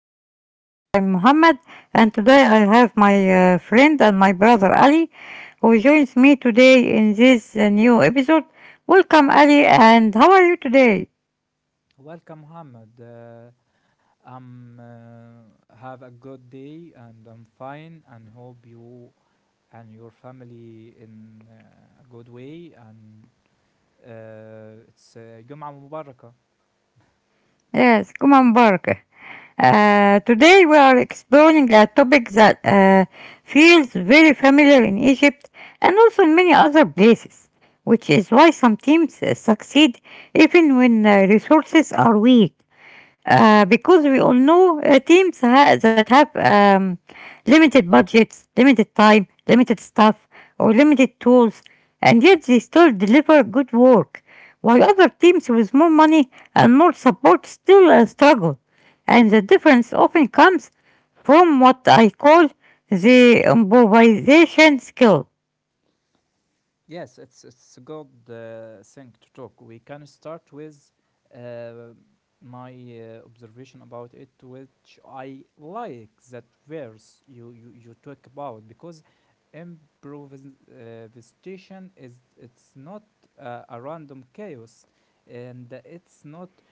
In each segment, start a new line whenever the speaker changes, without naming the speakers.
new episode. I'm Muhammad, and today I have my friend and my brother Ali, who joins me today in this new episode. Welcome, Ali, and how are you today?
Welcome, Mohammed. I'm have a good day, and I'm fine, and hope you and your family in a good way. And it's Jum'a Mubarakah.
Yes, come on, Bark. Today we are exploring a topic that feels very familiar in Egypt and also in many other places, which is why some teams succeed even when resources are weak. Because we all know that have limited budgets, limited time, limited staff, or limited tools, and yet they still deliver good work, while other teams with more money and more support still struggle. And the difference often comes from what I call the improvisation skill.
Yes, it's a good thing to talk. We can start with uh, my observation about it, which I like that verse you talk about because improvisation is it's not a random chaos, and it's not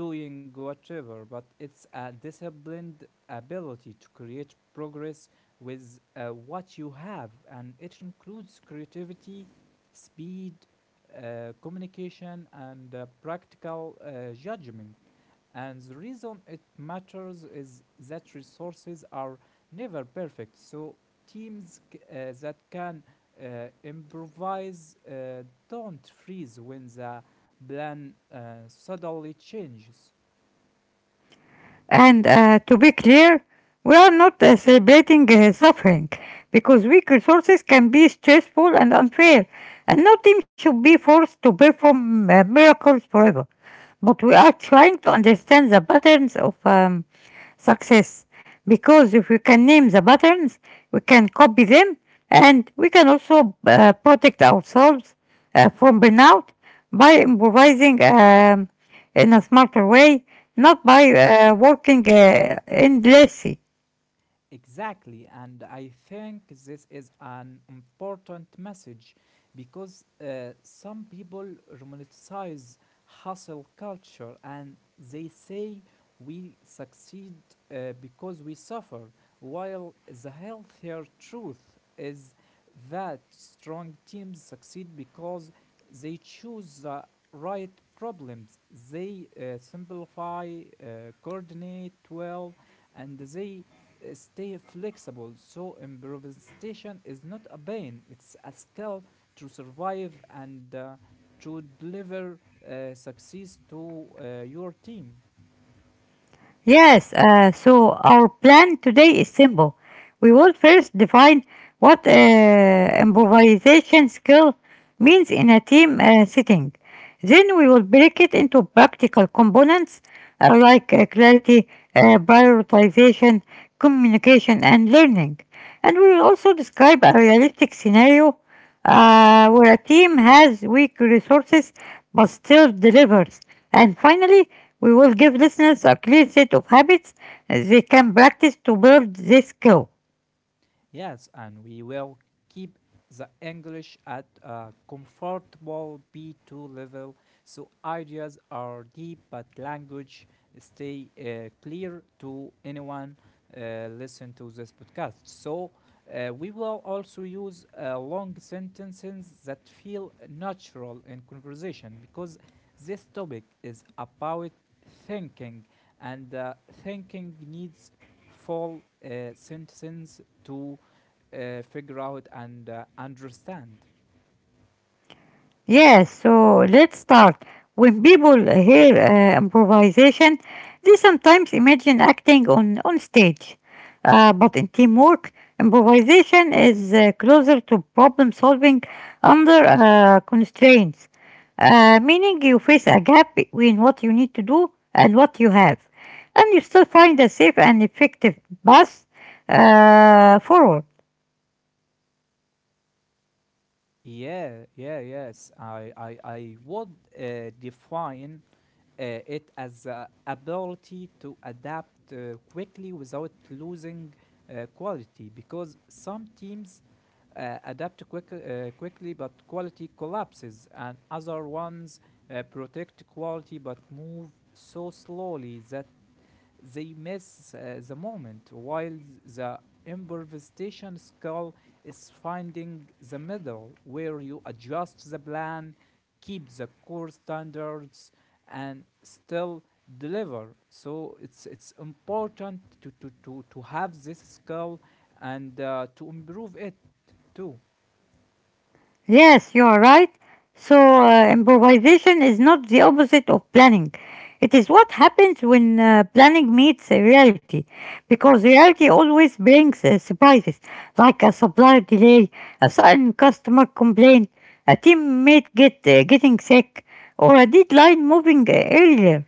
doing whatever, but it's a disciplined ability to create progress with what you have, and it includes creativity, speed, communication, and practical judgment. And the reason it matters is that resources are never perfect. So teams that can improvise don't freeze when the plan suddenly changes.
And to be clear, we are not celebrating suffering because weak resources can be stressful and unfair, and no team should be forced to perform miracles forever. But we are trying to understand the patterns of success, because if we can name the patterns, we can copy them, and we can also protect ourselves from burnout by improvising in a smarter way, not by working endlessly.
Exactly, and I think this is an important message because some people romanticize hustle culture, and they say we succeed because we suffer, while the healthier truth is that strong teams succeed because they choose the right problems, they simplify, coordinate well, and they stay flexible. So, improvisation is not a pain, it's a skill to survive and to deliver success to your team.
Yes, so our plan today is simple. We will first define what improvisation skill means in a team setting. Then we will break it into practical components like clarity, prioritization, communication, and learning. And we will also describe a realistic scenario where a team has weak resources but still delivers. And finally, we will give listeners a clear set of habits they can practice to build this skill.
Yes, and we will keep the English at a comfortable B2 level, so ideas are deep but language stay clear to anyone listen to this podcast. So we will also use long sentences that feel natural in conversation, because this topic is about thinking, and thinking needs full sentences to figure out and understand.
Yes, so let's start. When people hear improvisation, they sometimes imagine acting on stage. But in teamwork, improvisation is closer to problem solving under constraints, meaning you face a gap between what you need to do and what you have, and you still find a safe and effective path forward.
Yeah, yeah, yes. I would define it as ability to adapt quickly without losing quality, because some teams adapt quickly but quality collapses, and other ones protect quality but move so slowly that they miss the moment, while the improvisation skill is finding the middle where you adjust the plan, keep the core standards, and still deliver. So it's important to have this skill and to improve it too.
Yes, you are right. So, improvisation is not the opposite of planning. It is what happens when planning meets reality, because reality always brings surprises, like a supplier delay, a sudden customer complaint, a teammate get getting sick, or a deadline moving earlier.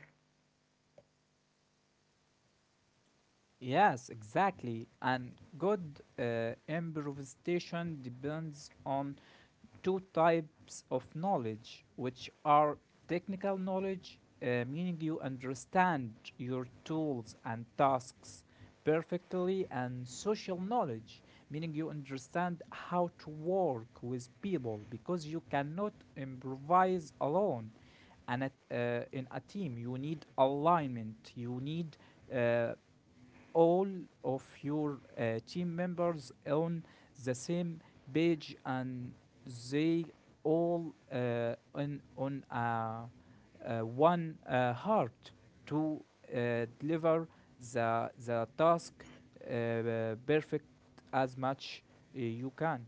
Yes, exactly. And good improvisation depends on two types of knowledge, which are technical knowledge, meaning you understand your tools and tasks perfectly, and social knowledge, meaning you understand how to work with people, because you cannot improvise alone. And in a team, you need alignment, you need uh, all of your team members on the same page, and they all on one heart to deliver the task perfect as much you can.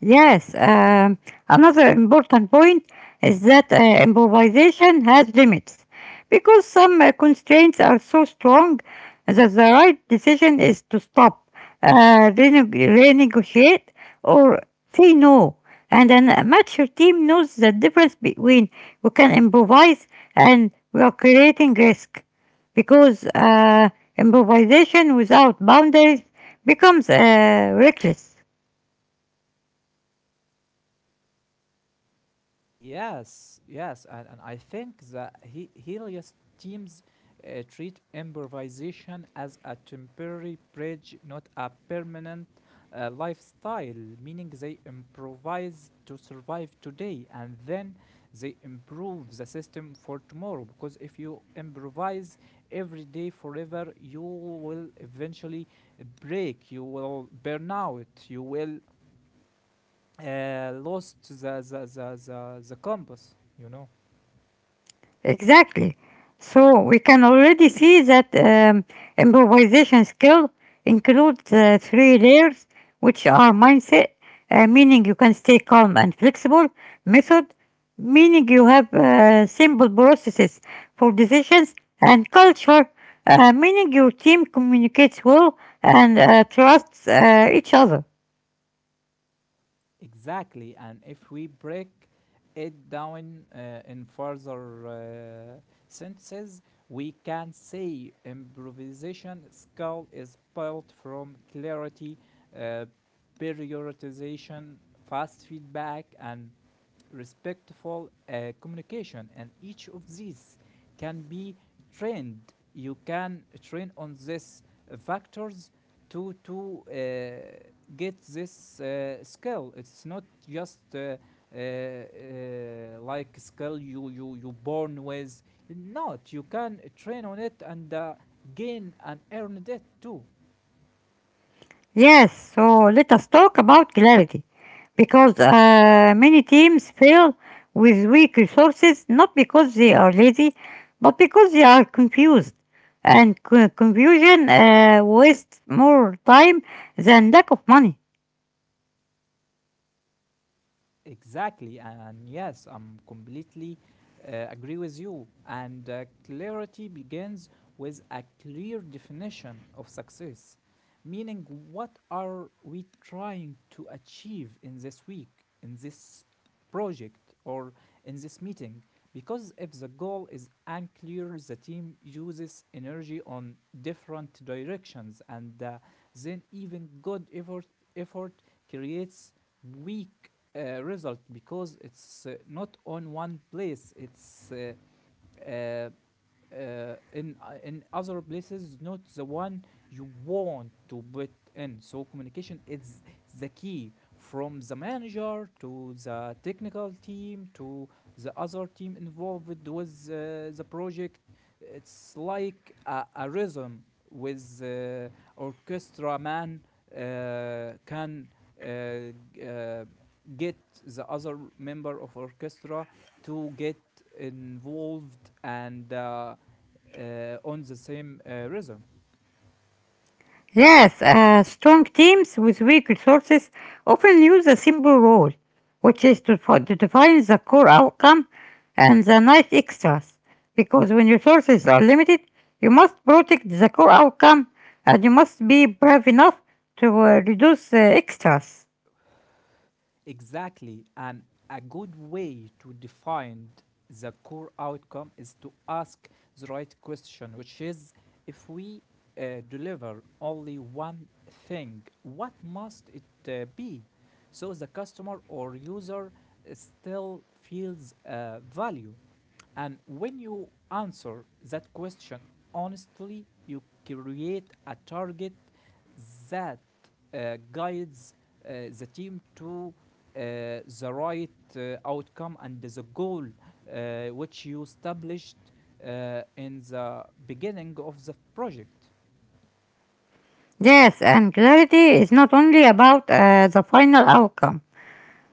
Yes, another important point is that improvisation has limits because some constraints are so strong that the right decision is to stop, uh, renegotiate, or say no. And then a mature team knows the difference between we can improvise and we are creating risk, because improvisation without boundaries becomes reckless.
Yes, yes, and I think that he Helios teams treat improvisation as a temporary bridge, not a permanent lifestyle, meaning they improvise to survive today and then they improve the system for tomorrow. Because if you improvise every day forever, you will eventually break, you will burn out, you will lost the compass, you know?
Exactly. So we can already see that improvisation skill includes three layers, which are mindset, meaning you can stay calm and flexible, method, meaning you have simple processes for decisions, and culture, meaning your team communicates well and trusts each other.
Exactly, and if we break it down in further sentences, we can say improvisation skill is built from clarity, uh, periodization, fast feedback, and respectful communication, and each of these can be trained. You can train on these factors to get this skill. It's not just like skill you born with. Not, you can train on it and gain and earn it too.
Yes, so let us talk about clarity, because many teams fail with weak resources not because they are lazy but because they are confused, and confusion wastes more time than lack of money.
Exactly, and yes, I'm completely agree with you. And clarity begins with a clear definition of success, meaning what are we trying to achieve in this week, in this project, or in this meeting? Because if the goal is unclear, the team uses energy on different directions, and then even good effort creates weak result, because it's not on one place. It's uh, in other places, not the one you want to put in. So communication is the key, from the manager to the technical team to the other team involved with the project. It's like a rhythm with orchestra man can uh, uh, get the other member of orchestra to get involved and on the same rhythm.
Yes, strong teams with weak resources often use a simple rule, which is to define the core outcome and the nice extras. Because when resources are limited, you must protect the core outcome and you must be brave enough to reduce extras.
Exactly. And a good way to define the core outcome is to ask the right question, which is if we deliver only one thing, what must it be? So the customer or user still feels value. And when you answer that question honestly, you create a target that guides the team to the right outcome and the goal which you established in the beginning of the project.
Yes, and clarity is not only about the final outcome.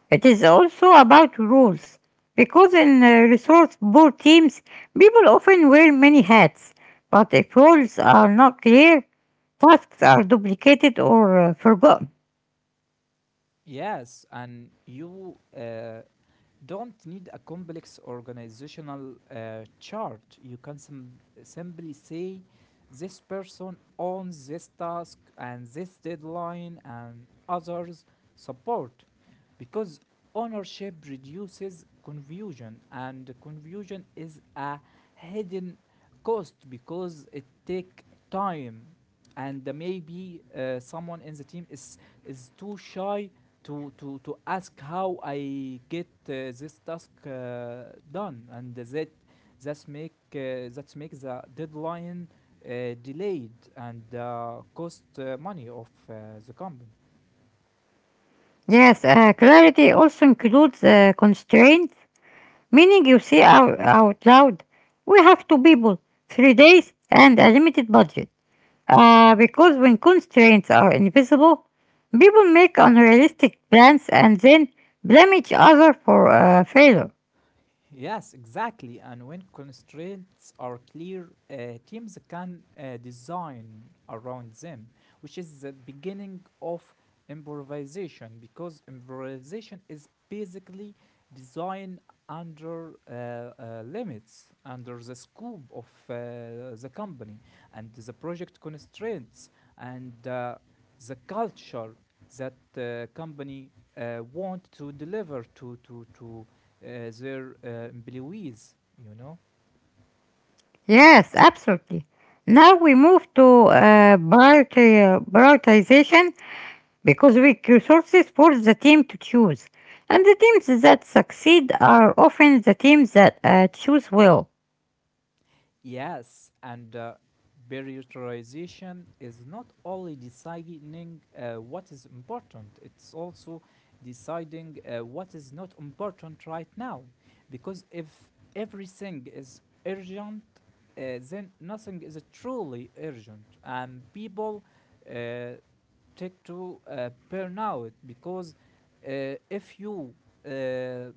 It is also about rules, because in resource poor teams, people often wear many hats, but if roles are not clear, tasks are duplicated or forgotten.
Yes, and you don't need a complex organizational chart. You can simply say this person owns this task and this deadline, and others support, because ownership reduces confusion, and confusion is a hidden cost, because it takes time, and maybe someone in the team is too shy to ask how I get this task done, and that's make the deadline delayed and cost money of the company.
Yes, clarity also includes constraints, meaning you say out loud, we have two people, 3 days, and a limited budget. Because when constraints are invisible, people make unrealistic plans and then blame each other for failure.
Yes, exactly. And when constraints are clear, teams can design around them, which is the beginning of improvisation, because improvisation is basically design under limits, under the scope of the company and the project constraints, and the culture that company want to deliver to their employees, you know?
Yes, absolutely. Now we move to prioritization, because we give resources for the team to choose. And the teams that succeed are often the teams that choose well.
Yes, and prioritization is not only deciding what is important, it's also deciding what is not important right now. Because if everything is urgent, then nothing is truly urgent, and people uh, take to burn out, because if you uh,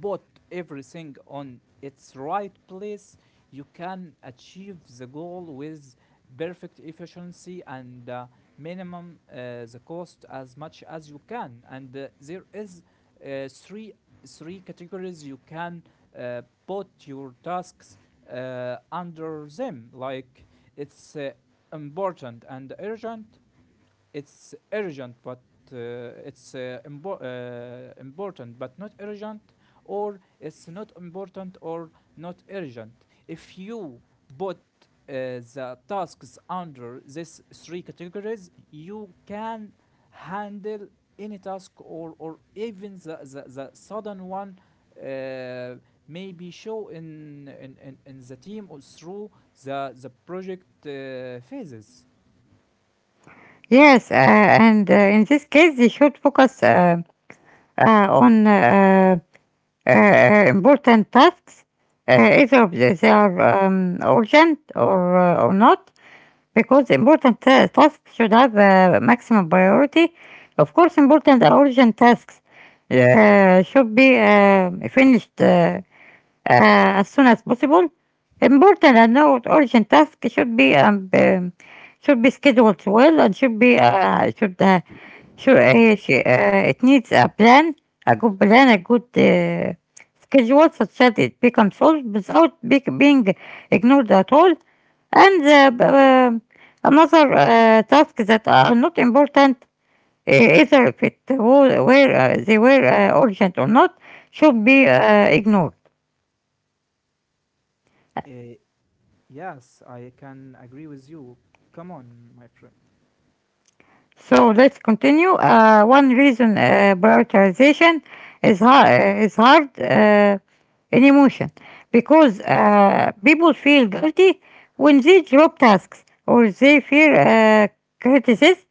put everything on its right place, you can achieve the goal with perfect efficiency and minimum the cost as much as you can. And there is three three categories you can put your tasks under them. Like, it's important and urgent, it's urgent but uh, important but not urgent, or it's not important or not urgent. If you put uh, the tasks under these three categories, you can handle any task, or even the sudden one uh, maybe show in the team or through the project phases.
Yes, and in this case, they should focus on important tasks, either they are urgent or not, because important tasks should have maximum priority. Of course, important and urgent tasks should be finished. As soon as possible. Important and note urgent tasks should be scheduled well and should be should sh- it needs a plan, a good schedule such that it becomes solved without being ignored at all. And uh, b- um, Another task that are not important, either if it wa- were, they were urgent or not, should be ignored.
Uh, Yes, I can agree with you. Come on, my friend.
So let's continue. One reason prioritization is hard in emotion, because people feel guilty when they drop tasks or they fear criticism,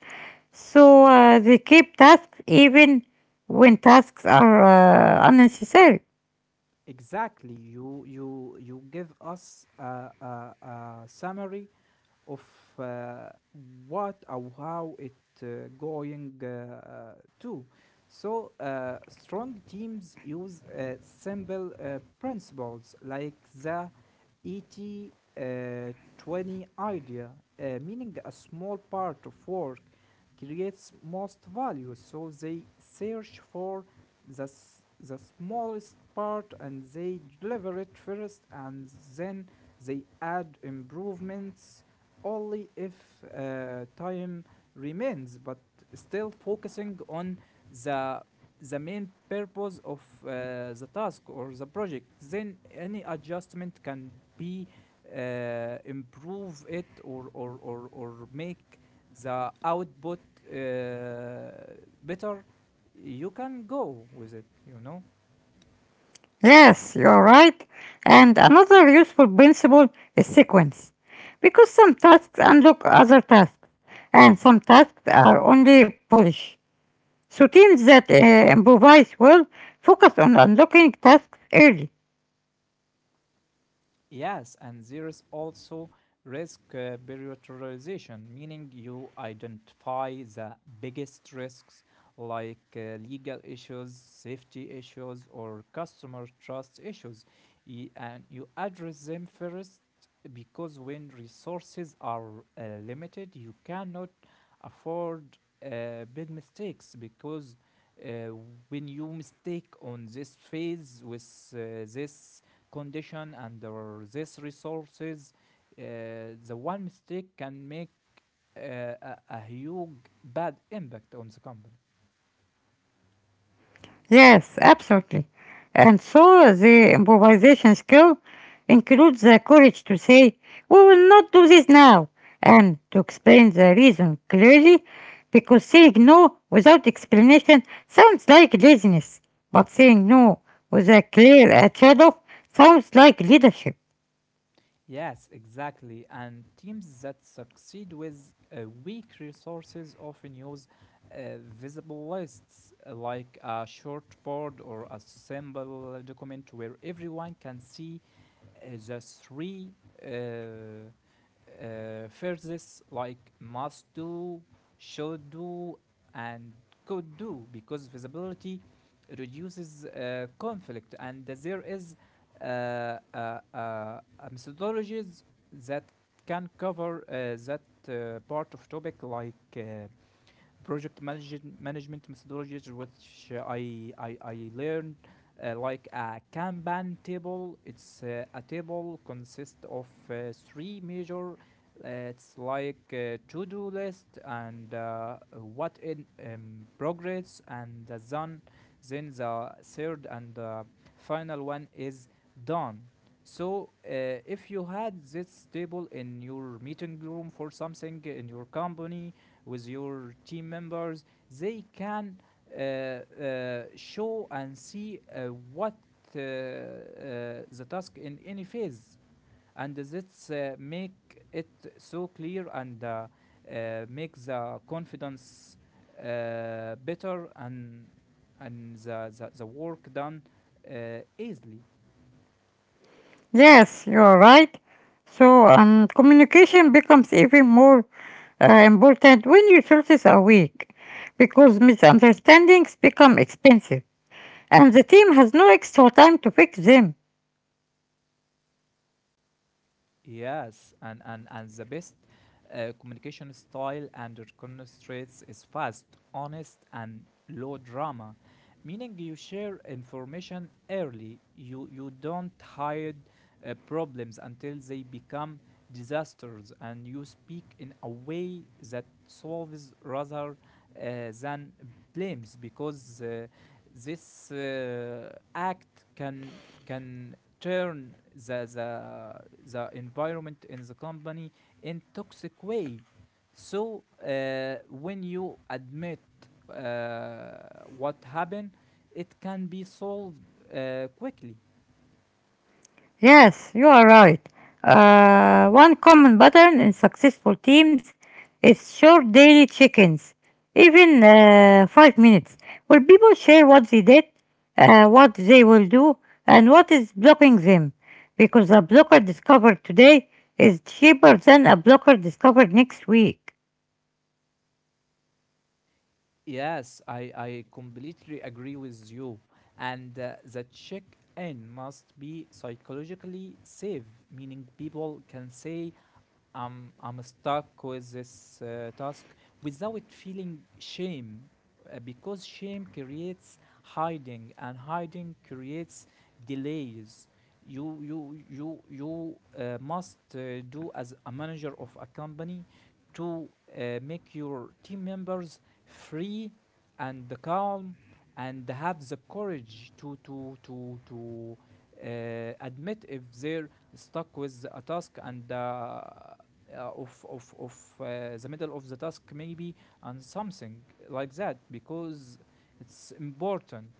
so they keep tasks even when tasks are unnecessary.
Exactly. You give us a summary of uh, what or how it going to. So strong teams use simple principles like the ET 20 idea, meaning a small part of work creates most value. So they search for the, the smallest part, and they deliver it first, and then they add improvements only if time remains, but still focusing on the the main purpose of the task or the project. Then any adjustment can be improve it, or or make the output uh, better. You can go with it, you know?
Yes, you're right. And another useful principle is sequence. Because some tasks unlock other tasks, and some tasks are only polish. So teams that improvise well focus on unlocking tasks early.
Yes, and there is also risk prioritization, meaning you identify the biggest risks like legal issues, safety issues, or customer trust issues, and you address them first, because when resources are limited, you cannot afford big mistakes, because uh, when you mistake on this phase with this condition under these resources, the one mistake can make uh, a huge bad impact on the company.
Yes, absolutely. And so the improvisation skill includes the courage to say, we will not do this now, and to explain the reason clearly, because saying no without explanation sounds like laziness, but saying no with a clear trade-off sounds like leadership.
Yes, exactly. And teams that succeed with weak resources often use visible lists like a short board or a simple document where everyone can see the three uh, phrases like must do, should do, and could do, because visibility reduces conflict, and there is a methodologies that can cover that part of topic, like project management methodologies, which I learned like a Kanban table. It's a table consists of three major. It's like a to-do list, and what in progress, and the done. Then the third and final one is done. So, if you had this table in your meeting room for something in your company, with your team members, they can show and see what uh, uh, the task in any phase, and that's make it so clear, and make the confidence better, and the work done easily.
Yes, you're right. So, communication becomes even more important when resources are weak, because misunderstandings become expensive and the team has no extra time to fix them.
Yes, and the best communication style and reconnaissance is fast, honest, and low drama, meaning you share information early. You don't hide problems until they become disasters, and you speak in a way that solves rather than blames because this act can turn the environment in the company in toxic way. So when you admit uh, what happened, it can be solved quickly.
Yes, you are right. One common pattern in successful teams is short daily check ins, even 5 minutes, where people share what they did, what they will do, and what is blocking them, because a blocker discovered today is cheaper than a blocker discovered next week.
Yes, I completely agree with you. And the check in must be psychologically safe, meaning people can say I'm stuck with this task without feeling shame, because shame creates hiding, and hiding creates delays. You must do as a manager of a company to make your team members free and calm, and have the courage to admit if they're stuck with a task, and of the middle of the task maybe, and something like that because it's important.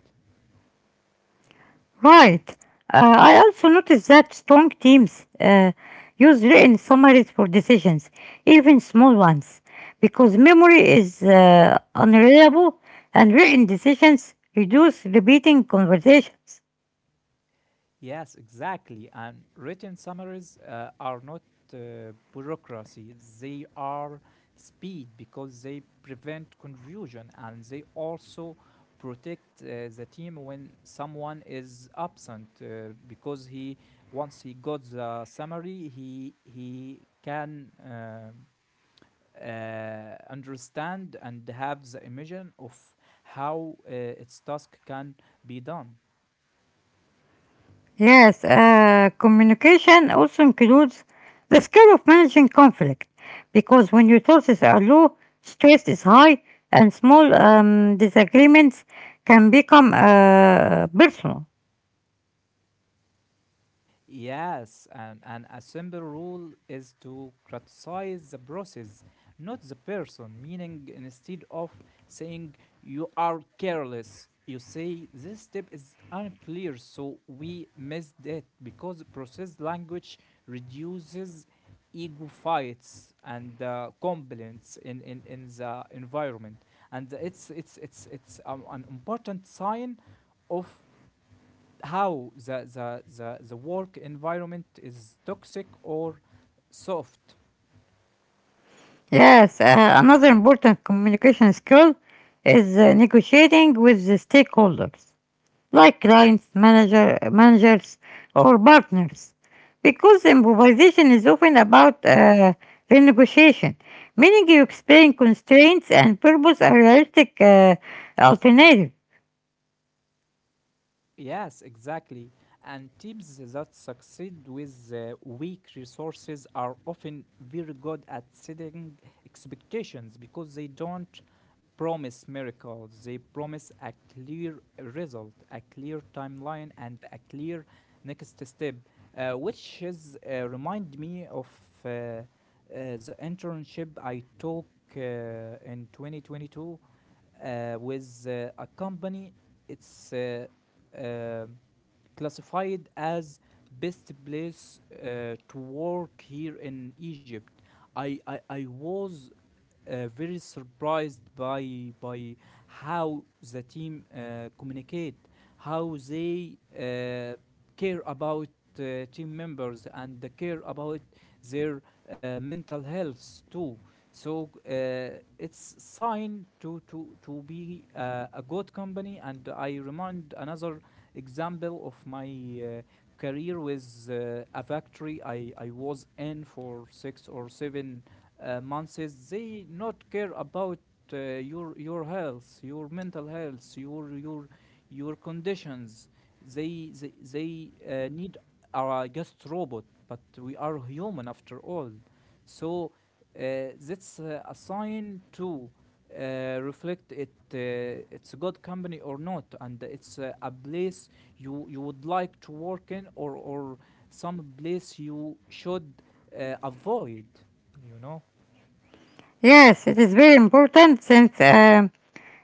Right. I also noticed that strong teams use written summaries for decisions, even small ones, because memory is unreliable and written decisions reduce repeating conversations.
Yes, exactly. And written summaries are not bureaucracy, they are speed because they prevent confusion, and they also protect the team when someone is absent, because he, once he got the summary, he can understand and have the image of how its task can be done.
Yes, communication also includes the skill of managing conflict, because when resources are low, stress is high, and small disagreements can become personal.
Yes, and a simple rule is to criticize the process, not the person. Meaning, instead of saying you are careless, you say this step is unclear, so we missed it because process language reduces ego fights and complaints in the environment, and it's an important sign of how the work environment is toxic or soft.
Yes, another important communication skill is negotiating with the stakeholders, like clients, managers, or partners, because improvisation is often about renegotiation, meaning you explain constraints and purpose a realistic alternative.
Yes, exactly. And teams that succeed with weak resources are often very good at setting expectations because they don't promise miracles. They promise a clear result, a clear timeline, and a clear next step, which is remind me of uh, uh, the internship I took in 2022 with a company. It's uh, classified as best place to work here in Egypt. I was very surprised by how the team communicate, how they care about uh, team members and care about their mental health too. So it's sign to be a good company. And I remind another example of my career with a factory I was in for 6 or 7 months. They not care about your health, your mental health, your conditions. They need are just robot, but we are human after all. So that's a sign to reflect it. It's a good company or not, and it's a place you would like to work in, or some place you should avoid. You know?
Yes, it is very important since.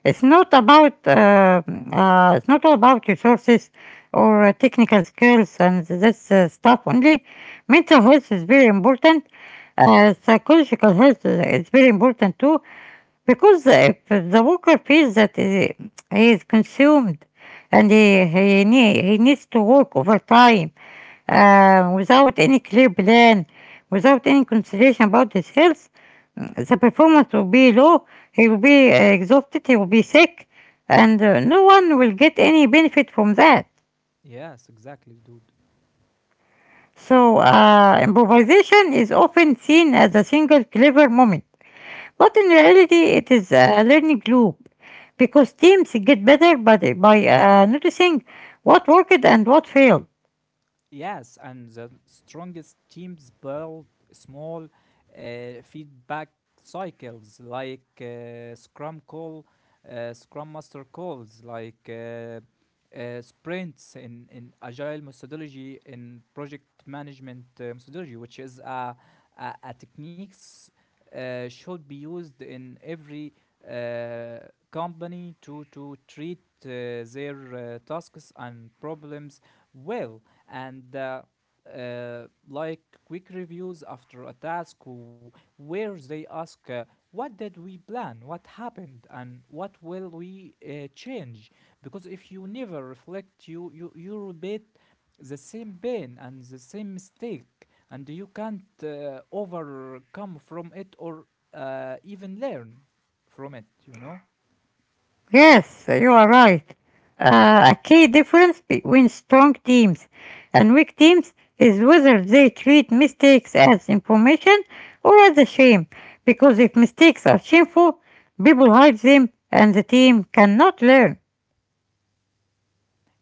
It's not about it's not all about resources or technical skills and this stuff only. Mental health is very important. Psychological health is very important too, because if the worker feels that he is consumed and he needs to work overtime without any clear plan, without any consideration about his health, the performance will be low, he will be exhausted, he will be sick, and no one will get any benefit from that.
Yes, exactly, dude.
So, improvisation is often seen as a single clever moment, but in reality, it is a learning loop, because teams get better by noticing what worked and what failed.
Yes, and the strongest teams build small feedback cycles like Scrum call, Scrum Master calls, like sprints in agile methodology, in project management methodology, which is a techniques should be used in every uh, company to treat their tasks and problems well, and like quick reviews after a task where they ask what did we plan, what happened, and what will we change. Because if you never reflect, you repeat the same pain and the same mistake, and you can't overcome from it or even learn from it.
Yes, you are right. A key difference between strong teams and weak teams is whether they treat mistakes as information or as a shame. Because if mistakes are shameful, people hide them and the team cannot learn.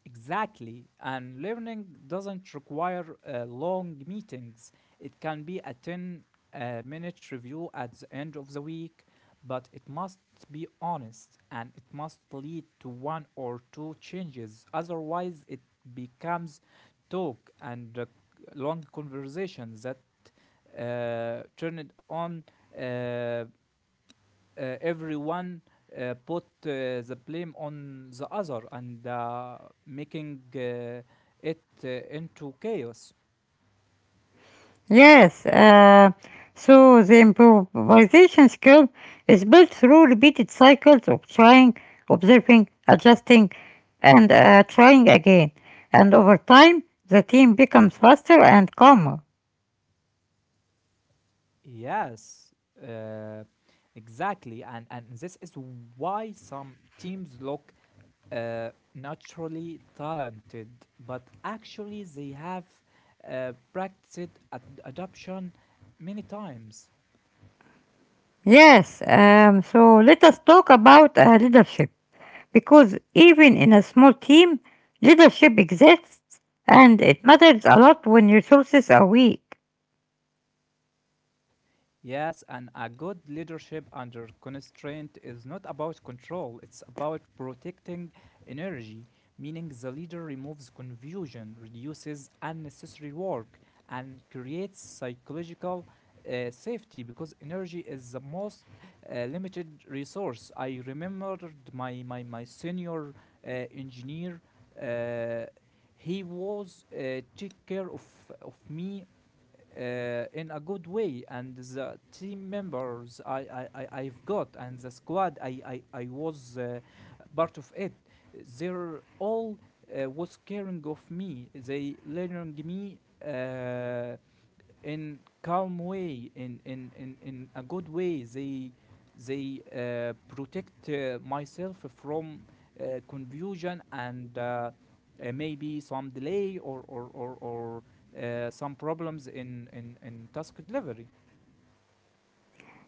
Exactly. And learning doesn't require long meetings. It can be a 10 minute review at the end of the week, but it must be honest and it must lead to one or two changes. Otherwise, it becomes talk and long conversations that turn it on uh, everyone put the blame on the other, and making it into chaos.
Yes, so the improvisation skill is built through repeated cycles of trying, observing, adjusting, and trying again. And over time, the team becomes faster and calmer.
Yes, uh, exactly. And this is why some teams look naturally talented, but actually they have practiced adoption many times.
Yes, so let us talk about leadership. Because even in a small team, leadership exists and it matters a lot when resources are weak.
Yes, and a good leadership under constraint is not about control, it's about protecting energy, meaning the leader removes confusion, reduces unnecessary work, and creates psychological safety because energy is the most limited resource. I remembered my senior engineer. Uh, he was take care of me in a good way, and the team members I've got, and the squad I was part of it. They're all was caring of me, they learning me uh, in calm way, in a good way. They protect myself from confusion and maybe some delay or some problems in task delivery.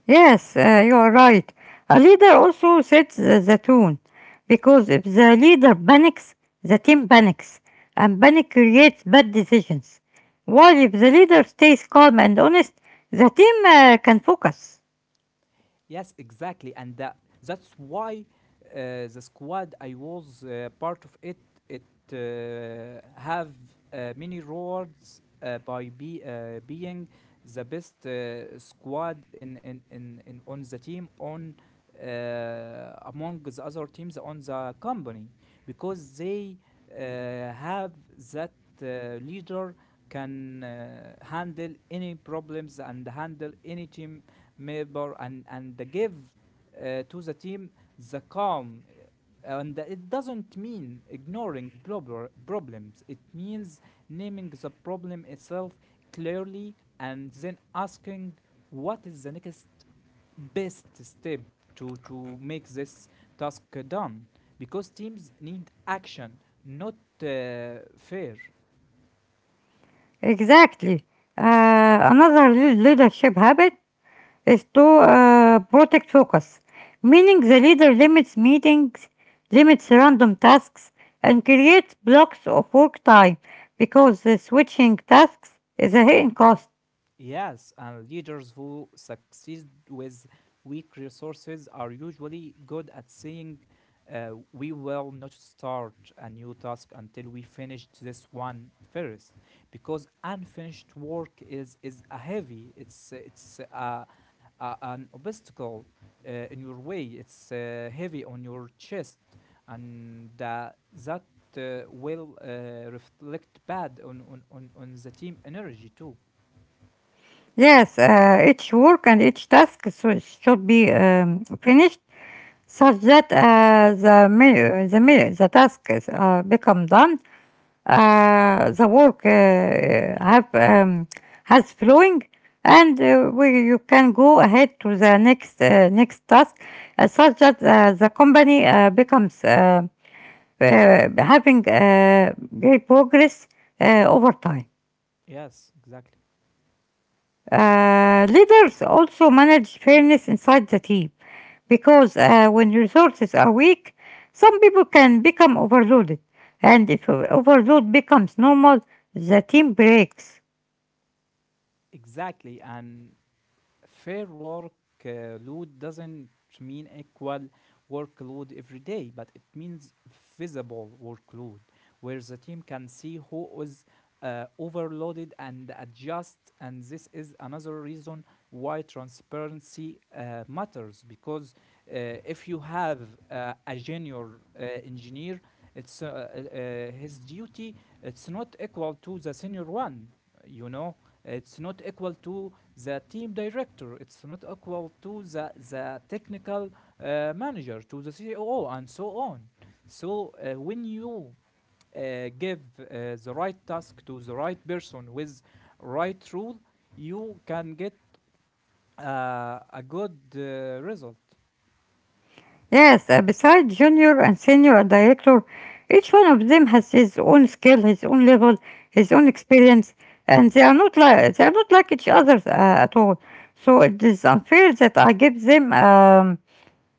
Yes, you are right. A leader also sets the tone, because if the leader panics, the team panics, and panic creates bad decisions. While if the leader stays calm and honest, the team can focus.
Yes, exactly, and that's why the squad I was part of it, it have many rewards by be being the best squad in on the team, on among the other teams on the company, because they uh, have that leader can handle any problems and handle any team Member. And they give to the team the calm. And it doesn't mean ignoring problems, it means naming the problem itself clearly and then asking what is the next best step to make this task done, because teams need action, not fear.
Exactly. Another leadership habit is to protect focus, meaning the leader limits meetings, limits random tasks, and creates blocks of work time because the switching tasks is a hidden cost.
Yes, and leaders who succeed with weak resources are usually good at saying, we will not start a new task until we finish this one first, because unfinished work is a heavy, it's an obstacle in your way, it's heavy on your chest, and that will reflect bad on the team energy too.
Yes, each work and each task so should be finished such that the task is, become done. The work has flowing and you can go ahead to the next next task such that the company becomes having great progress over time.
Yes, exactly.
Leaders also manage fairness inside the team, because when resources are weak, some people can become overloaded, and if overload becomes normal, the team breaks.
Exactly. And fair work load doesn't mean equal workload every day, but it means visible workload where the team can see who is overloaded and adjust. And this is another reason why transparency matters. Because uh, if you have a junior engineer, it's his duty. It's not equal to the senior one, you know. It's not equal to the team director, it's not equal to the technical manager, to the CEO, and so on. So when you give the right task to the right person with right rule, you can get a good result.
Yes, besides junior and senior director, each one of them has his own skill, his own level, his own experience, and they are not like each other at all. So it is unfair that I give them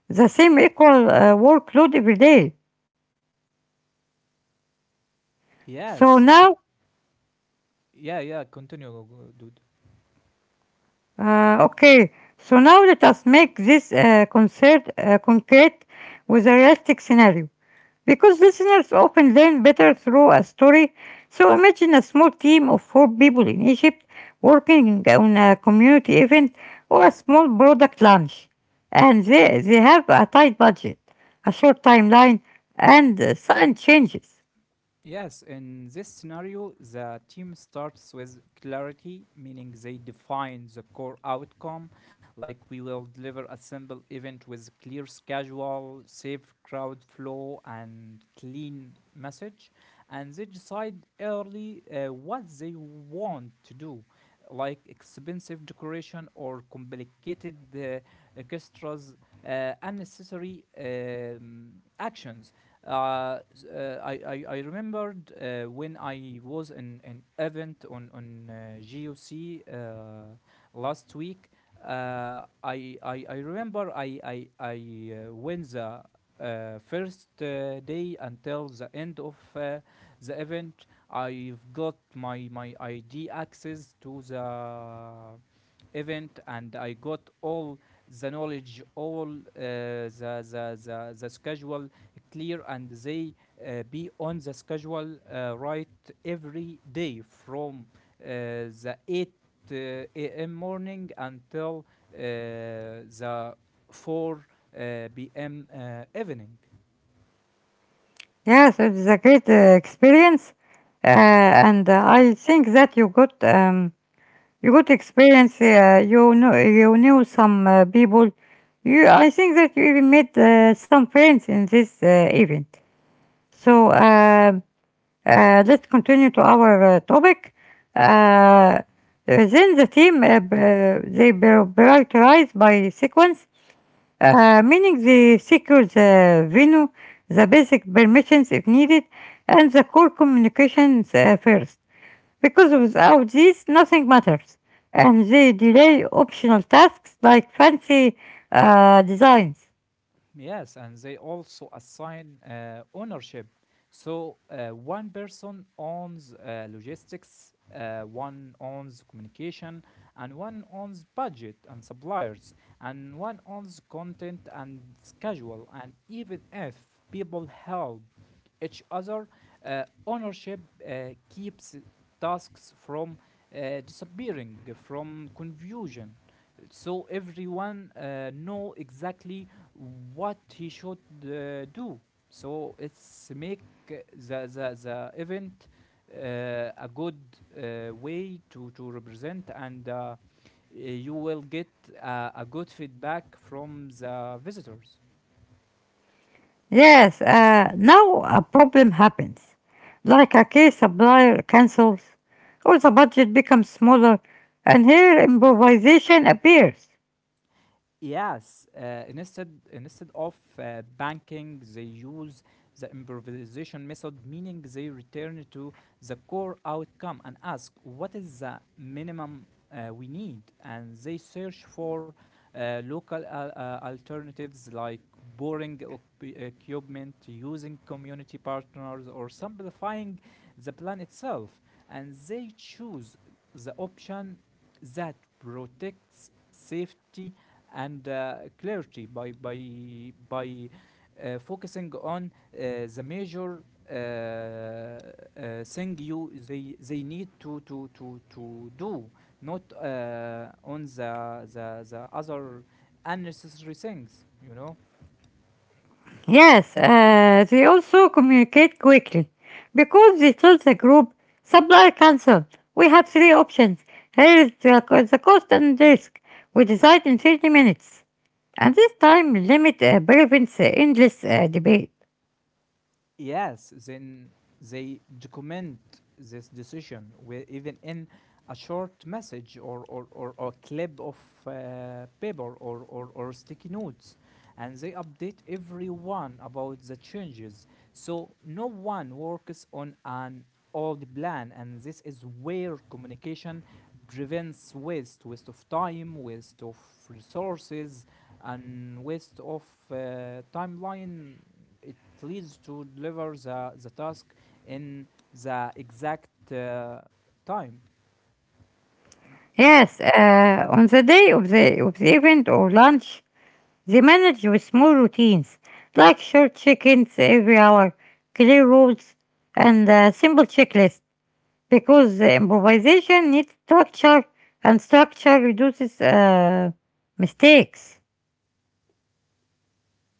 the same equal workload every day. So
Yes.
now,
Yeah, yeah, continue, dude.
okay, so now let us make this concert concrete with a realistic scenario. Because listeners often learn better through a story, so imagine a small team of four people in Egypt working on a community event or a small product launch. And they have a tight budget, a short timeline, and sudden changes.
Yes, in this scenario, the team starts with clarity, meaning they define the core outcome, like we will deliver a simple event with clear schedule, safe crowd flow, and clean message. And they decide early what they want to do, like expensive decoration or complicated orchestras, unnecessary actions. Uh, uh, I, I remembered when I was in an event on GOC last week. I remember I went the first day until the end of the event. I've got my ID access to the event, and I got all the knowledge, all the schedule clear, and they be on the schedule right every day from the eight uh, a.m. morning until the 4 p.m. Evening.
Yeah, so it is a great experience, and I think that you got. You got experience. You know, you knew some people. You, I think that you even made some friends in this event. So let's continue to our topic. Uh, then the team they prioritize by sequence, meaning they secure the venue, the basic permissions if needed, and the core communications first, because without these nothing matters, and they delay optional tasks like fancy designs.
Yes, and they also assign ownership. So one person owns logistics, one owns communication, and one owns budget and suppliers, and one owns content and schedule. And even if people help each other, ownership keeps tasks from disappearing, from confusion. So everyone know exactly what he should do. So it's make the event uh, a good way to represent, and you will get a good feedback from the visitors.
Yes, now a problem happens, like a key supplier cancels, or the budget becomes smaller, and here improvisation appears.
Yes, instead of banking, they use the improvisation method, meaning they return to the core outcome and ask what is the minimum we need, and they search for local alternatives like boring equipment, using community partners, or simplifying the plan itself, and they choose the option that protects safety and clarity by focusing on the major uh, thing you they need to do, not on the other unnecessary things. You know.
Yes, they also communicate quickly because they tell the group supply cancel. We have three options. Here is the, the cost and risk. We decide in 30 minutes. And this time limit prevents endless debate.
Yes, then they document this decision even in a short message or clip of paper or sticky notes. And they update everyone about the changes. So no one works on an old plan. And this is where communication prevents waste of time, waste of resources, and waste of timeline. It leads to deliver the task in the exact time.
Yes, on the day of the event or lunch, they manage with small routines like short check-ins every hour, clear rules, and a simple checklist, because the improvisation needs structure and structure reduces mistakes.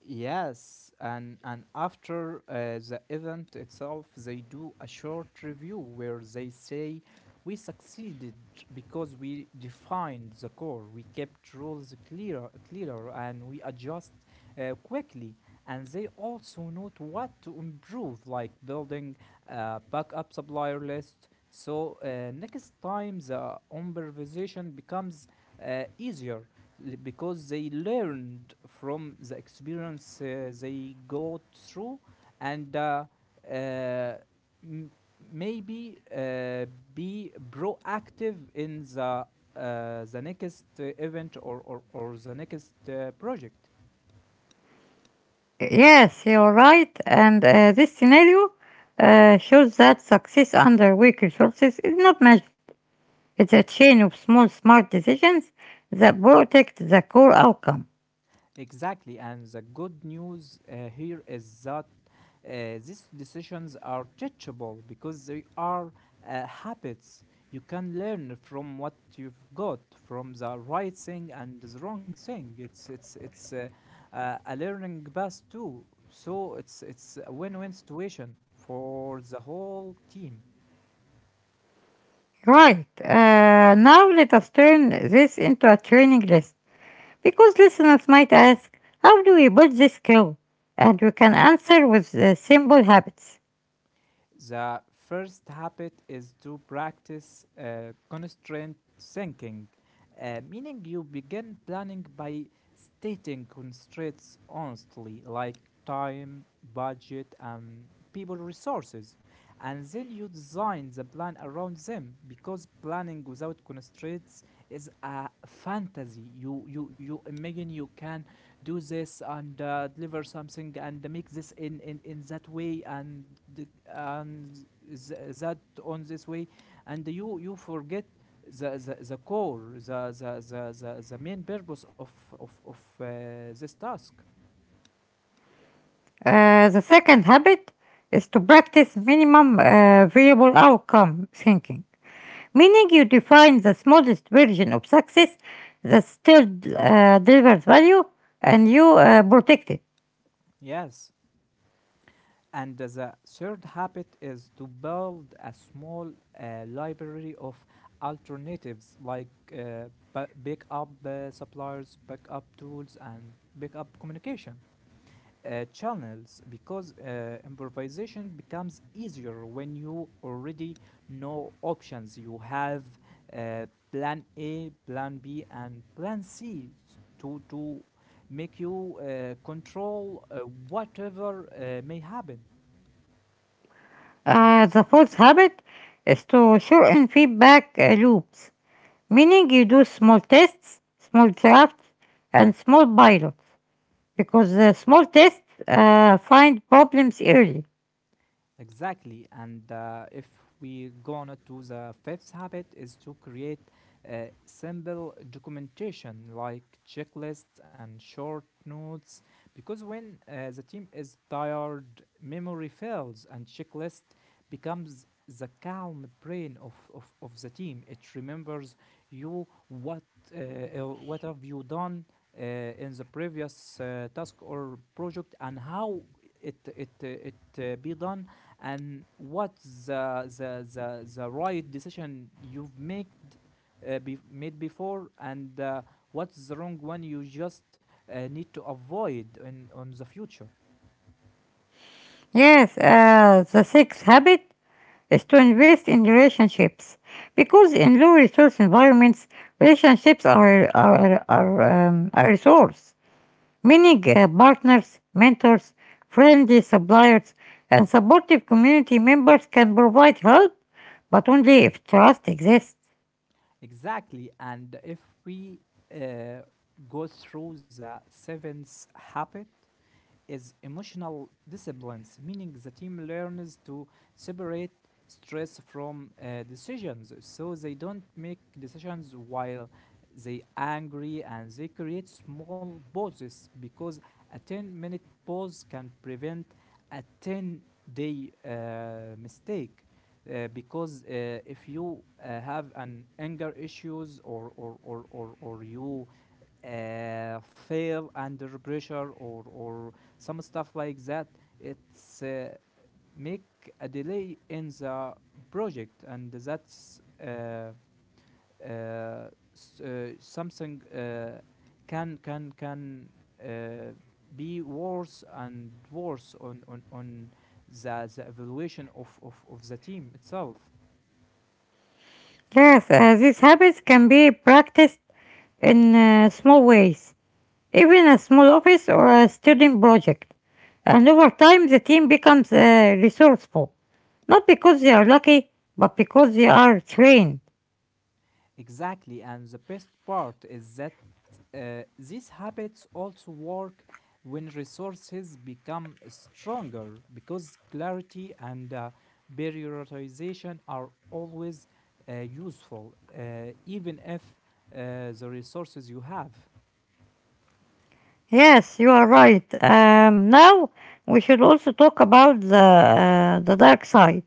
Yes, and after the event itself, they do a short review where they say we succeeded because we defined the core, we kept rules clearer, and we adjust quickly. And they also note what to improve, like building backup supplier list. So next time the improvisation becomes easier because they learned from the experience. They go through and uh, m- maybe be proactive in the next event or the next project.
Yes, you're right, and this scenario shows that success under weak resources is not magic. It's a chain of small, smart decisions that protect the core outcome.
Exactly, and the good news here is that uh, these decisions are teachable because they are habits. You can learn from what you've got, from the right thing and the wrong thing. It's a learning bus too. So it's a win-win situation for the whole team.
Right, now let us turn this into a training list because listeners might ask, how do we build this skill? And we can answer with the simple habits.
The first habit is to practice constraint thinking, meaning you begin planning by stating constraints honestly, like time, budget, and people resources, and then you design the plan around them. Because planning without constraints is a fantasy. You imagine you can do this and deliver something and make this in that way and that on this way and you forget the core, the main purpose of this task.
The second habit is to practice minimum variable outcome thinking, meaning you define the smallest version of success that still delivers value, and you protect it.
Yes, and the third habit is to build a small library of alternatives like backup suppliers, backup tools, and backup communication channels, because improvisation becomes easier when you already know options. You have uh, plan A, plan B, and plan C to make you control whatever may happen.
The fourth habit is to shorten feedback loops, meaning you do small tests, small drafts, and small pilots, because the small tests find problems early.
Exactly. And if we go on it to the fifth habit is to create simple documentation like checklists and short notes, because when the team is tired, memory fails and checklist becomes the calm brain of the team. It remembers you what have you done in the previous task or project, and how it be done, and what's the right decision you've made before, and what's the wrong one you just need to avoid in on the future.
Yes, the sixth habit is to invest in relationships because in low resource environments, relationships are a resource. Meaning, partners, mentors, friendly suppliers, and supportive community members can provide help, but only if trust exists.
Exactly, and if we uh, go through the seventh habit is emotional disciplines, meaning the team learns to separate stress from decisions so they don't make decisions while they angry and they create small pauses because a 10-minute pause can prevent a 10 day mistake, because if you have an anger issues or you fail under pressure or some stuff like that, it's make a delay in the project, and that's uh, something can uh, be worse and worse on the evaluation of the team itself.
Yes, these habits can be practiced in small ways, even a small office or a student project. And over time, the team becomes resourceful, not because they are lucky, but because they are trained.
Exactly, and the best part is that these habits also work when resources become stronger because clarity and prioritization are always useful, even if the resources you have.
Yes, you are right. Now we should also talk about the dark side,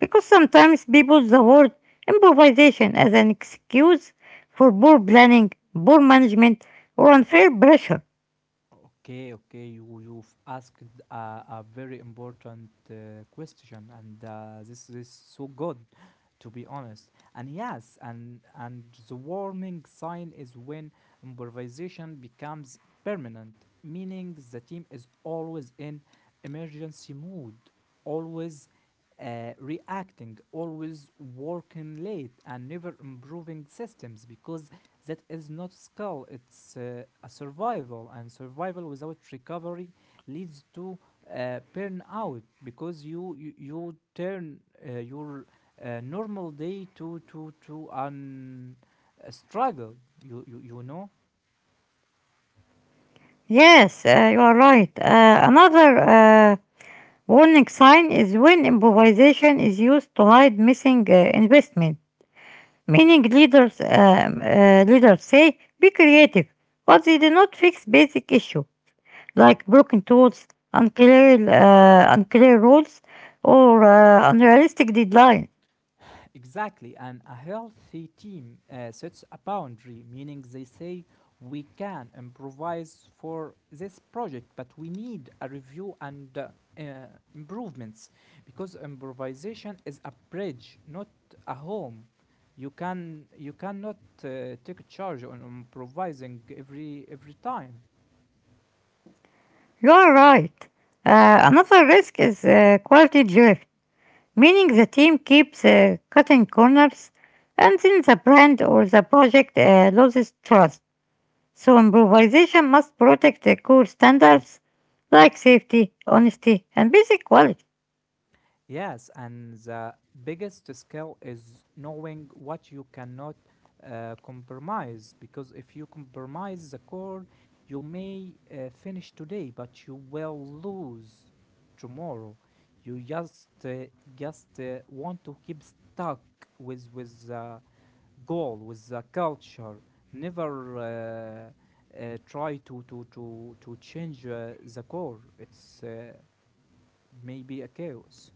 because sometimes people use the word improvisation as an excuse for poor planning, poor management, or unfair pressure.
Okay, okay, you've asked a very important question, and this is so good, to be honest. And yes, and the warning sign is when improvisation becomes permanent, meaning the team is always in emergency mood, always reacting, always working late, and never improving systems because that is not skill, it's a survival, and survival without recovery leads to burnout because you turn your normal day to an a struggle, you know.
Yes, you are right. Another warning sign is when improvisation is used to hide missing investment. Meaning leaders say be creative, but they do not fix basic issue like broken tools, unclear rules, or unrealistic deadline.
Exactly. And a healthy team sets a boundary, meaning they say, we can improvise for this project, but we need a review and uh, improvements, because improvisation is a bridge, not a home. You cannot take charge on improvising every time.
You are right. Another risk is quality drift, meaning the team keeps cutting corners, and then the brand or the project loses trust. So improvisation must protect the core standards like safety, honesty, and basic quality.
Yes, and the biggest skill is knowing what you cannot compromise. Because if you compromise the core, you may finish today, but you will lose tomorrow. You just want to keep stuck with the goal, with the culture. Never try to change the core. It's maybe a chaos.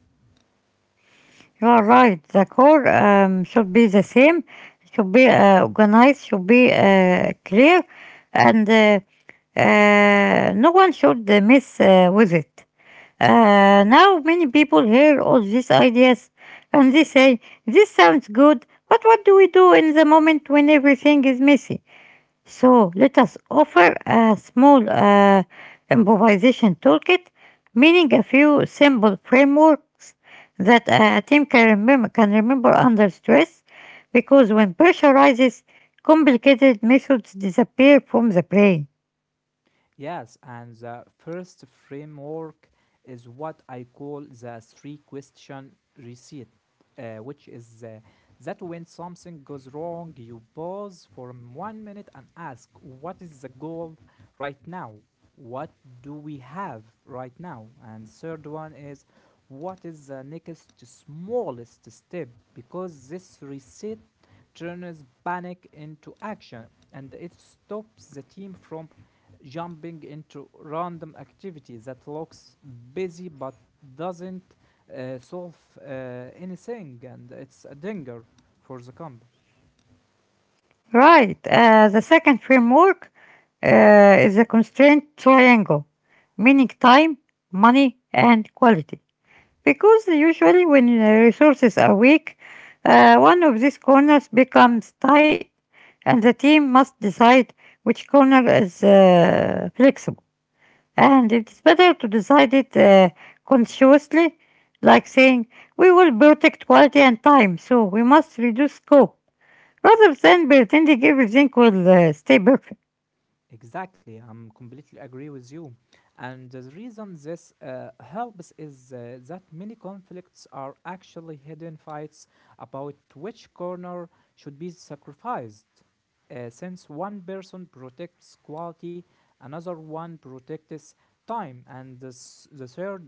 You are right. The core should be the same, should be organized, should be clear, and no one should miss with it. Now many people hear all these ideas and they say, this sounds good, but what do we do in the moment when everything is messy? So let us offer a small improvisation toolkit, meaning a few simple frameworks that a team can remember under stress, because when pressure rises, complicated methods disappear from the brain.
Yes, and the first framework is what I call the three question receipt, which is that when something goes wrong, you pause for 1 minute and ask, what is the goal right now? What do we have right now? And third one is, what is the next smallest step? Because this receipt turns panic into action and it stops the team from jumping into random activity that looks busy but doesn't solve uh, anything, and it's a danger for the company.
Right, the second framework is a constraint triangle, meaning time, money, and quality. Because usually when resources are weak, one of these corners becomes tight and the team must decide which corner is flexible. And it's better to decide it consciously, like saying, we will protect quality and time, so we must reduce scope, rather than pretending everything will stay perfect.
Exactly, I'm completely agree with you, and the reason this helps is that many conflicts are actually hidden fights about which corner should be sacrificed. Since one person protects quality, another one protects time, and the third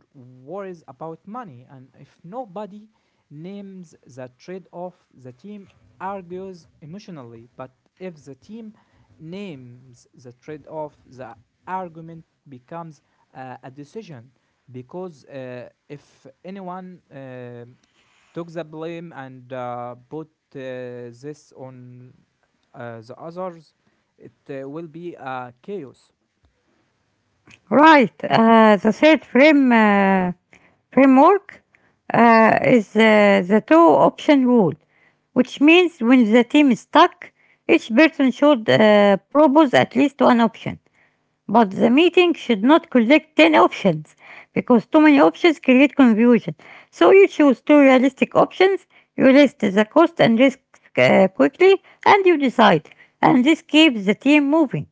worries about money. And if nobody names the trade off, the team argues emotionally. But if the team names the trade off, the argument becomes a decision, because if anyone took the blame and put this on the others, it will be chaos.
Right. The third framework is the two-option rule, which means when the team is stuck, each person should propose at least one option. But the meeting should not collect 10 options because too many options create confusion. So you choose two realistic options, you list the cost and risk quickly, and you decide. And this keeps the team moving.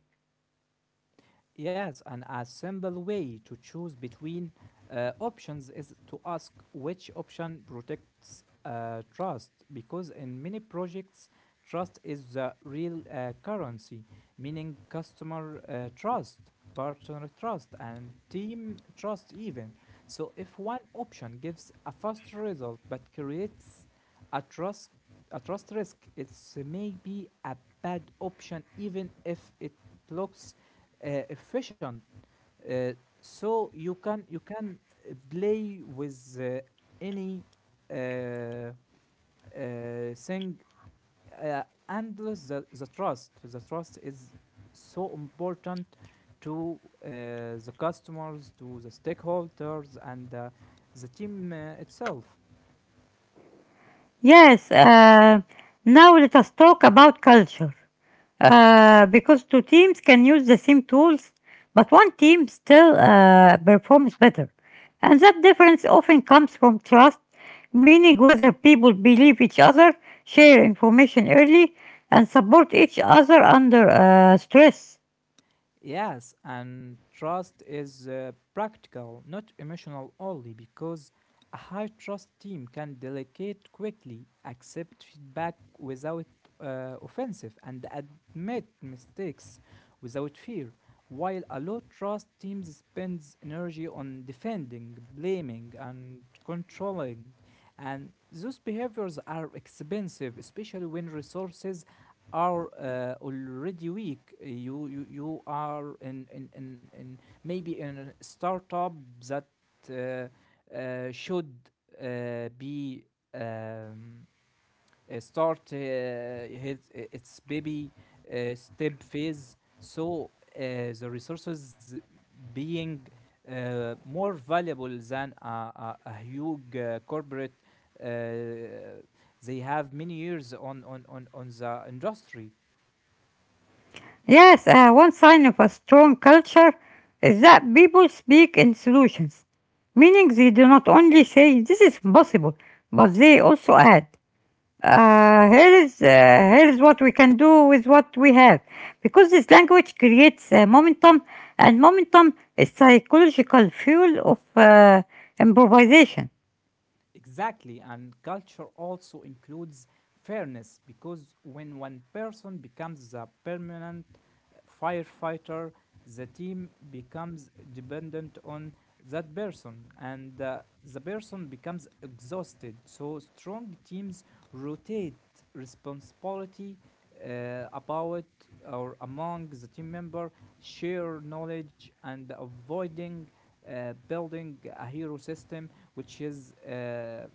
Yes, and a simple way to choose between options is to ask which option protects trust, because in many projects, trust is the real currency, meaning customer trust, partner trust, and team trust, even. So, if one option gives a fast result but creates a trust, a trust risk, it's maybe a bad option, even if it looks efficient, uh, so you can play with any uh, uh, thing, uh, and the trust is so important to the customers, to the stakeholders, and the team itself.
Yes, now let us talk about culture. Because two teams can use the same tools, but one team still performs better. And that difference often comes from trust, meaning whether people believe each other, share information early, and support each other under stress.
Yes, and trust is practical, not emotional only, because a high trust team can delegate quickly, accept feedback without offensive, and admit mistakes without fear. While a low trust team spends energy on defending, blaming, and controlling, and those behaviors are expensive, especially when resources are already weak. You are in maybe in a startup that uh, should be um, start its baby step phase. So the resources being more valuable than a huge corporate. Uh, they have many years on the industry.
Yes, one sign of a strong culture is that people speak in solutions, meaning they do not only say this is possible, but they also add, here is what we can do with what we have, because this language creates momentum, and momentum is psychological fuel of improvisation.
Exactly, and culture also includes fairness, because when one person becomes a permanent firefighter, the team becomes dependent on that person, and the person becomes exhausted. So, strong teams rotate responsibility about or among the team member, share knowledge, and avoiding building a hero system, which is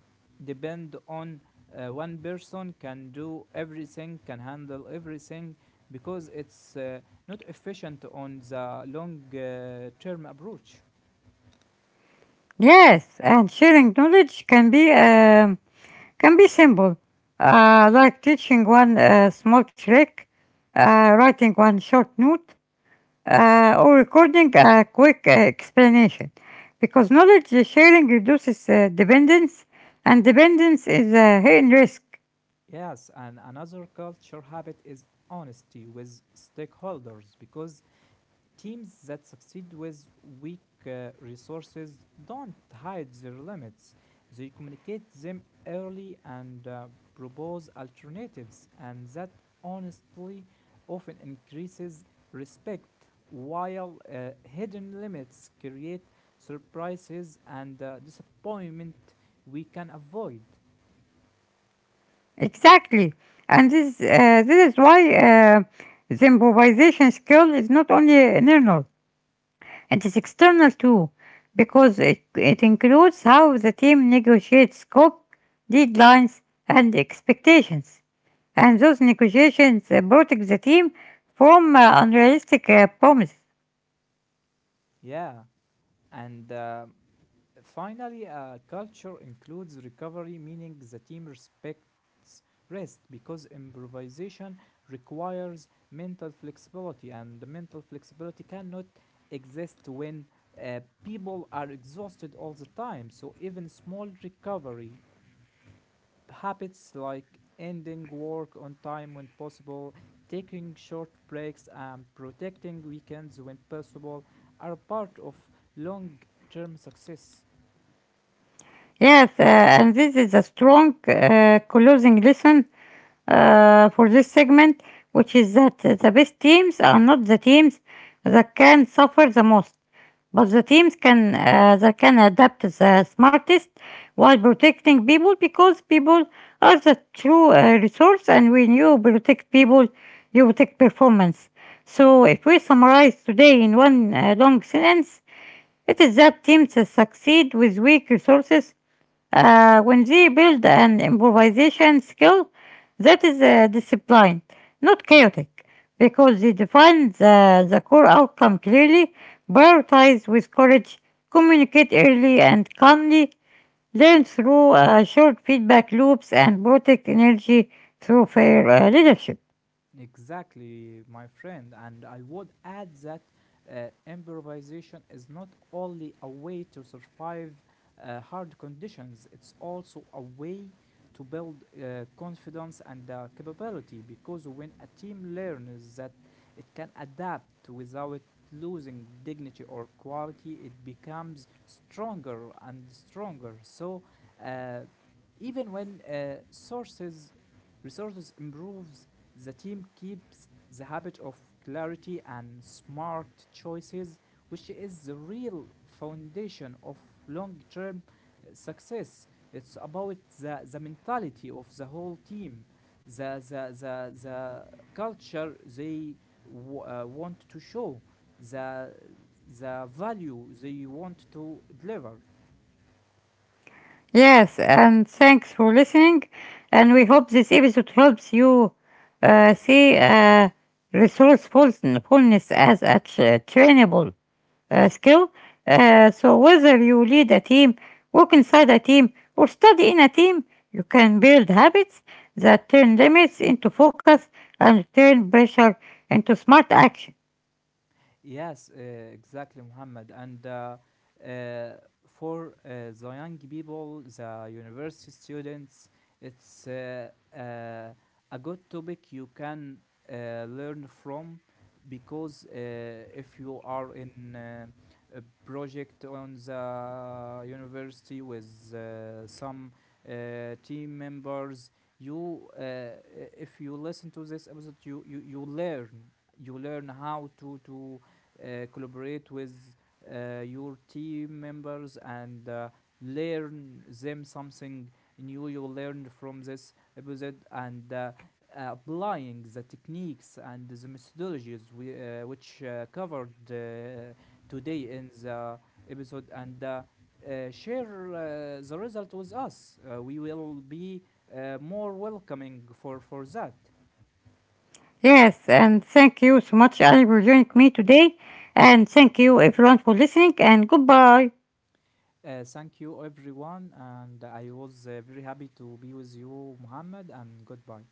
depend on one person can do everything, can handle everything, because it's not efficient on the long term approach.
Yes, and sharing knowledge can be. Can be simple, like teaching one small trick, writing one short note, or recording a quick explanation. Because knowledge sharing reduces dependence, and dependence is a hidden risk.
Yes, and another culture habit is honesty with stakeholders, because teams that succeed with weak resources don't hide their limits. They communicate them early and propose alternatives, and that honestly often increases respect, while hidden limits create surprises and disappointment we can avoid.
Exactly, and this is why the improvisation skill is not only neural; it is external too, because it includes how the team negotiates scope, deadlines, and expectations. And those negotiations protect the team from unrealistic promises.
Yeah, and finally, a culture includes recovery, meaning the team respects rest because improvisation requires mental flexibility, and the mental flexibility cannot exist when people are exhausted all the time. So, even small recovery habits like ending work on time when possible, taking short breaks, and protecting weekends when possible are part of long term success.
Yes, and this is a strong closing lesson for this segment, which is that the best teams are not the teams that can suffer the most, but the teams can that can adapt the smartest while protecting people, because people are the true resource, and when you protect people, you protect performance. So, if we summarize today in one long sentence, it is that teams succeed with weak resources when they build an improvisation skill that is disciplined, not chaotic, because they define the core outcome clearly, prioritize with courage, communicate early and calmly, learn through short feedback loops, and protect energy through fair leadership.
Exactly, my friend. And I would add that improvisation is not only a way to survive hard conditions, it's also a way to build confidence and capability, because when a team learns that it can adapt without losing dignity or quality, it becomes stronger and stronger. So, uh, even when sources resources improves, the team keeps the habit of clarity and smart choices, which is the real foundation of long term success. It's about the mentality of the whole team, the culture they want to show, the, the value they want to deliver.
Yes, and thanks for listening. And we hope this episode helps you see resourcefulness as a trainable skill. So, whether you lead a team, work inside a team, or study in a team, you can build habits that turn limits into focus and turn pressure into smart action.
Yes, exactly, Muhammad. And uh, for the young people, the university students, it's uh, a good topic you can learn from, because if you are in a project on the university with some team members, if you listen to this episode, you learn how to collaborate with your team members and learn them something new you learned from this episode, and applying the techniques and the methodologies which covered today in the episode, and share the result with us. We will be more welcoming for that.
Yes, and thank you so much, Ali, for joining me today. And thank you, everyone, for listening, and goodbye.
Thank you, everyone, and I was very happy to be with you, Muhammad, and goodbye.